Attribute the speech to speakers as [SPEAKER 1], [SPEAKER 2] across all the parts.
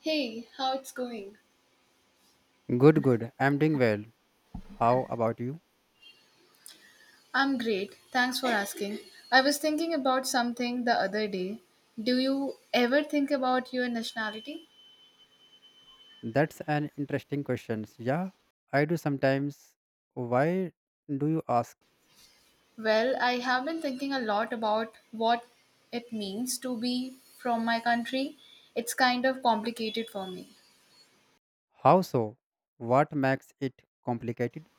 [SPEAKER 1] Hey, how it's going?
[SPEAKER 2] Good, good. I'm doing well. How about you?
[SPEAKER 1] I'm great. Thanks for asking. I was thinking about something the other day. Do you ever think about your nationality?
[SPEAKER 2] That's an interesting question. Yeah, I do sometimes. Why do you ask?
[SPEAKER 1] Well, I have been thinking a lot about what it means to be from my country. It's kind of complicated for me.
[SPEAKER 2] How so? What makes it complicated?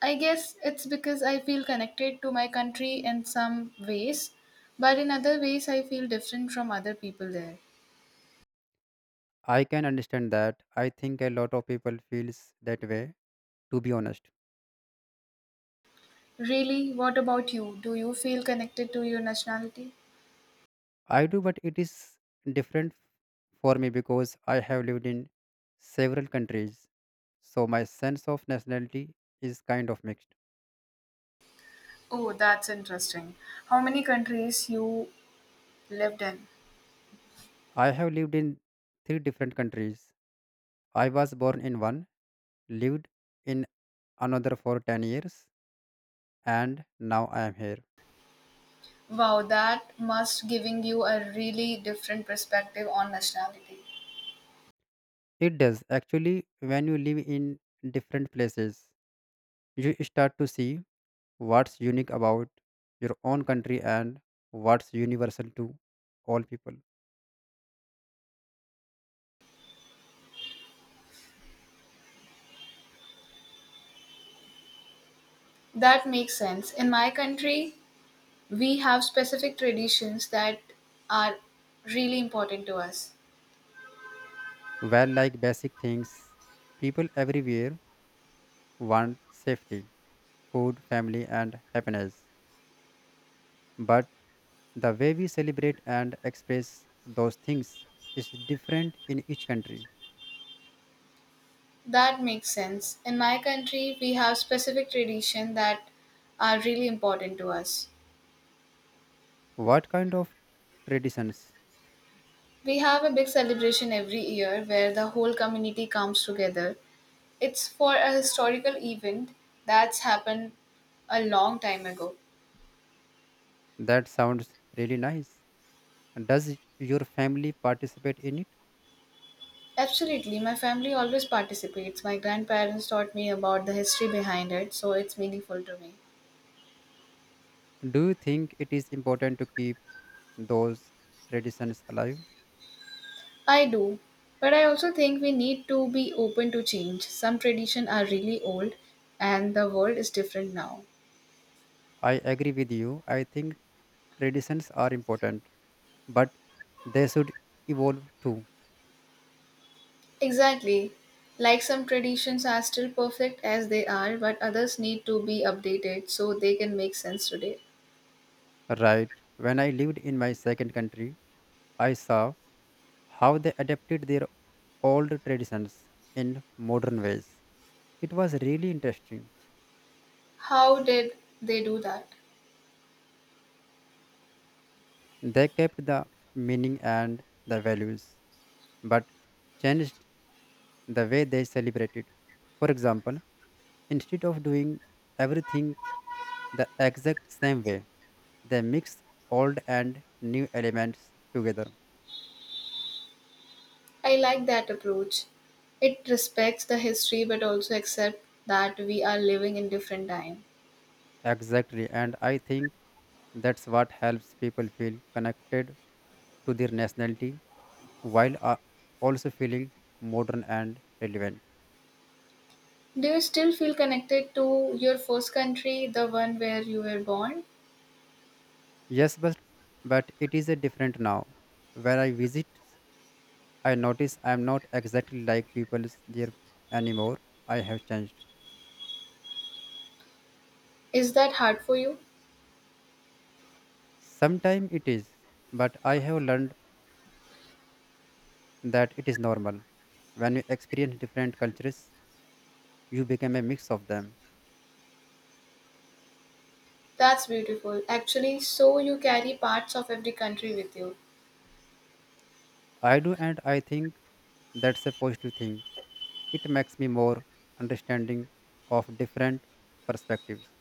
[SPEAKER 1] I guess it's because I feel connected to my country in some ways, but in other ways I feel different from other people there.
[SPEAKER 2] I can understand that. I think a lot of people feels that way, to be honest.
[SPEAKER 1] Really, what about you? Do you feel connected to your nationality?
[SPEAKER 2] I do, but it is different for me because I have lived in several countries. So my sense of nationality is kind of mixed.
[SPEAKER 1] Oh, that's interesting. How many countries you lived in?
[SPEAKER 2] I have lived in three different countries. I was born in one, lived in another for 10 years, and now I am here.
[SPEAKER 1] Wow, that must giving you a really different perspective on nationality.
[SPEAKER 2] It does. Actually, when you live in different places, you start to see what's unique about your own country and what's universal to all people.
[SPEAKER 1] That makes sense. In my country, we have specific traditions that are really important to us.
[SPEAKER 2] Well, like basic things, people everywhere want safety, food, family, and happiness. But the way we celebrate and express those things is different in each country.
[SPEAKER 1] That makes sense. In my country, we have specific tradition that are really important to us.
[SPEAKER 2] What kind of traditions?
[SPEAKER 1] We have a big celebration every year where the whole community comes together. It's for a historical event that's happened a long time ago.
[SPEAKER 2] That sounds really nice. Does your family participate in it?
[SPEAKER 1] Absolutely, my family always participates. My grandparents taught me about the history behind it, so it's meaningful to me.
[SPEAKER 2] Do you think it is important to keep those traditions alive?
[SPEAKER 1] I do, but I also think we need to be open to change. Some traditions are really old, and the world is different now.
[SPEAKER 2] I agree with you. I think traditions are important, but they should evolve too.
[SPEAKER 1] Exactly. Like some traditions are still perfect as they are, but others need to be updated so they can make sense today.
[SPEAKER 2] Right. When I lived in my second country, I saw how they adapted their old traditions in modern ways. It was really interesting.
[SPEAKER 1] How did they do that?
[SPEAKER 2] They kept the meaning and the values, but changed the way they celebrated. For example, instead of doing everything the exact same way, they mix old and new elements together.
[SPEAKER 1] I like that approach. It respects the history but also accepts that we are living in different time.
[SPEAKER 2] Exactly, and I think that's what helps people feel connected to their nationality while also feeling modern and relevant.
[SPEAKER 1] Do you still feel connected to your first country, the one where you were born?
[SPEAKER 2] Yes, but it is a different now. When I visit, I notice I am not exactly like people is there anymore. I have changed.
[SPEAKER 1] Is that hard for you?
[SPEAKER 2] Sometimes it is, but I have learned that it is normal. When you experience different cultures, you become a mix of them.
[SPEAKER 1] That's beautiful. Actually, so you carry parts of every country with you.
[SPEAKER 2] I do, and I think that's a positive thing. It makes me more understanding of different perspectives.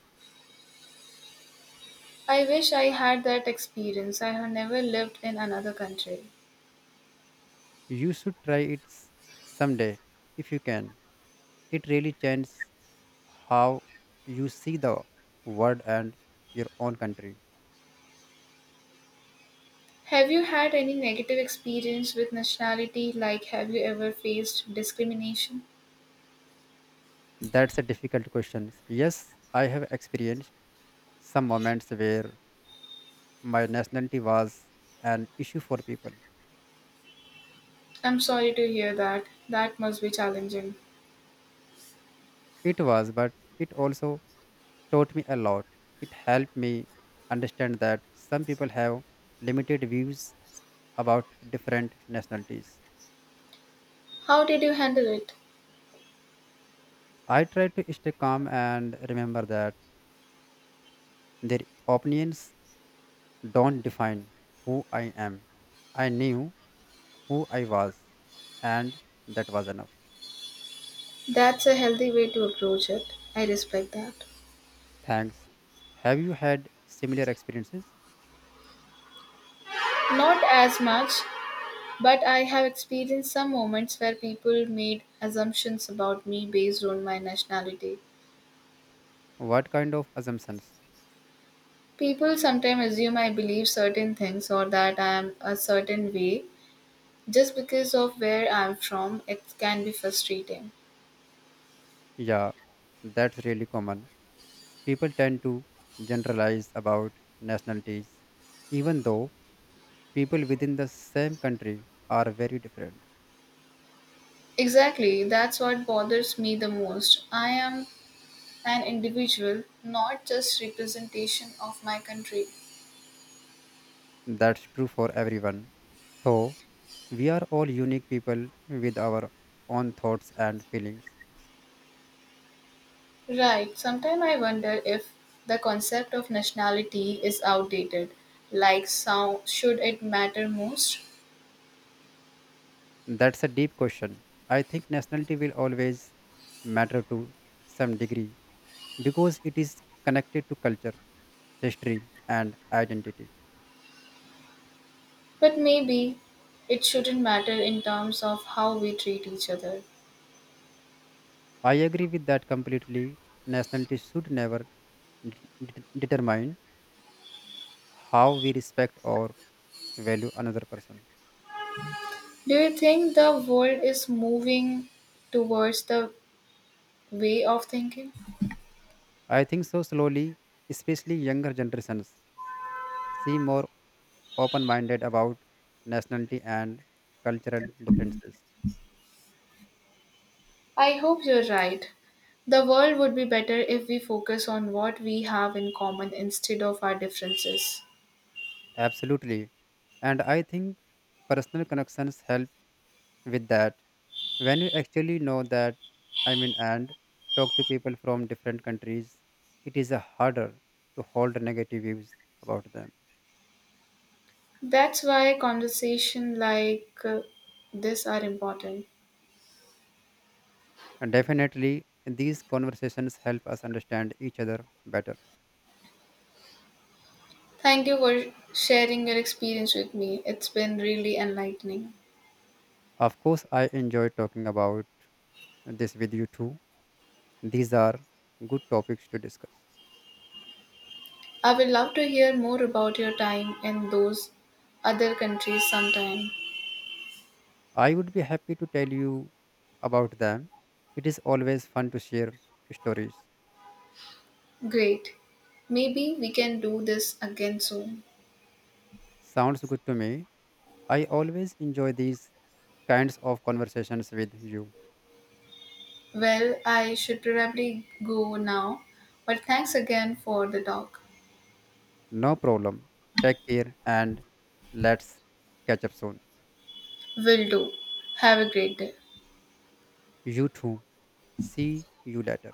[SPEAKER 1] I wish I had that experience. I have never lived in another country.
[SPEAKER 2] You should try someday if you can. It really changes how you see the world and your own country.
[SPEAKER 1] Have you had any negative experience with nationality? Like, have you ever faced discrimination?
[SPEAKER 2] That's a difficult question. Yes, I have experienced some moments where my nationality was an issue for people.
[SPEAKER 1] I'm sorry to hear that. That must be challenging.
[SPEAKER 2] It was, but it also taught me a lot. It helped me understand that some people have limited views about different nationalities.
[SPEAKER 1] How did you handle it?
[SPEAKER 2] I try to stay calm and remember that their opinions don't define who I am. I knew who I was, and that was enough.
[SPEAKER 1] That's a healthy way to approach it. I respect that.
[SPEAKER 2] Thanks. Have you had similar experiences?
[SPEAKER 1] Not as much, but I have experienced some moments where people made assumptions about me based on my nationality.
[SPEAKER 2] What kind of assumptions?
[SPEAKER 1] People sometimes assume I believe certain things or that I am a certain way just because of where I'm from. It can be frustrating.
[SPEAKER 2] Yeah, that's really common. People tend to generalize about nationalities, even though people within the same country are very different.
[SPEAKER 1] Exactly, that's what bothers me the most. I am an individual, not just representation of my country.
[SPEAKER 2] That's true for everyone. Though we are all unique people with our own thoughts and feelings.
[SPEAKER 1] Right, sometimes I wonder if the concept of nationality is outdated. Like, so, should it matter most?
[SPEAKER 2] That's a deep question. I think nationality will always matter to some degree because it is connected to culture, history, and identity.
[SPEAKER 1] But maybe it shouldn't matter in terms of how we treat each other.
[SPEAKER 2] I agree with that completely. Nationality should never d- determine how we respect or value another person.
[SPEAKER 1] Do you think the world is moving towards the way of thinking?
[SPEAKER 2] I think so. Slowly, especially younger generations, seem more open minded about nationality and cultural differences.
[SPEAKER 1] I hope you're right. The world would be better if we focus on what we have in common instead of our differences.
[SPEAKER 2] Absolutely. And I think personal connections help with that. When you actually know that, I mean, and talk to people from different countries, it is a harder to hold negative views about them.
[SPEAKER 1] That's why conversation like this are important.
[SPEAKER 2] And definitely these conversations help us understand each other better.
[SPEAKER 1] Thank you for sharing your experience with me. It's been really enlightening.
[SPEAKER 2] Of course, I enjoy talking about this with you too. These are good topics to discuss.
[SPEAKER 1] I would love to hear more about your time in those other countries sometime.
[SPEAKER 2] I would be happy to tell you about them. It is always fun to share stories.
[SPEAKER 1] Great. Maybe we can do this again soon.
[SPEAKER 2] Sounds good to me. I always enjoy these kinds of conversations with you.
[SPEAKER 1] Well, I should probably go now, but thanks again for the talk.
[SPEAKER 2] No problem. Take care and let's catch up soon.
[SPEAKER 1] Will do. Have a great day.
[SPEAKER 2] You too. See you later.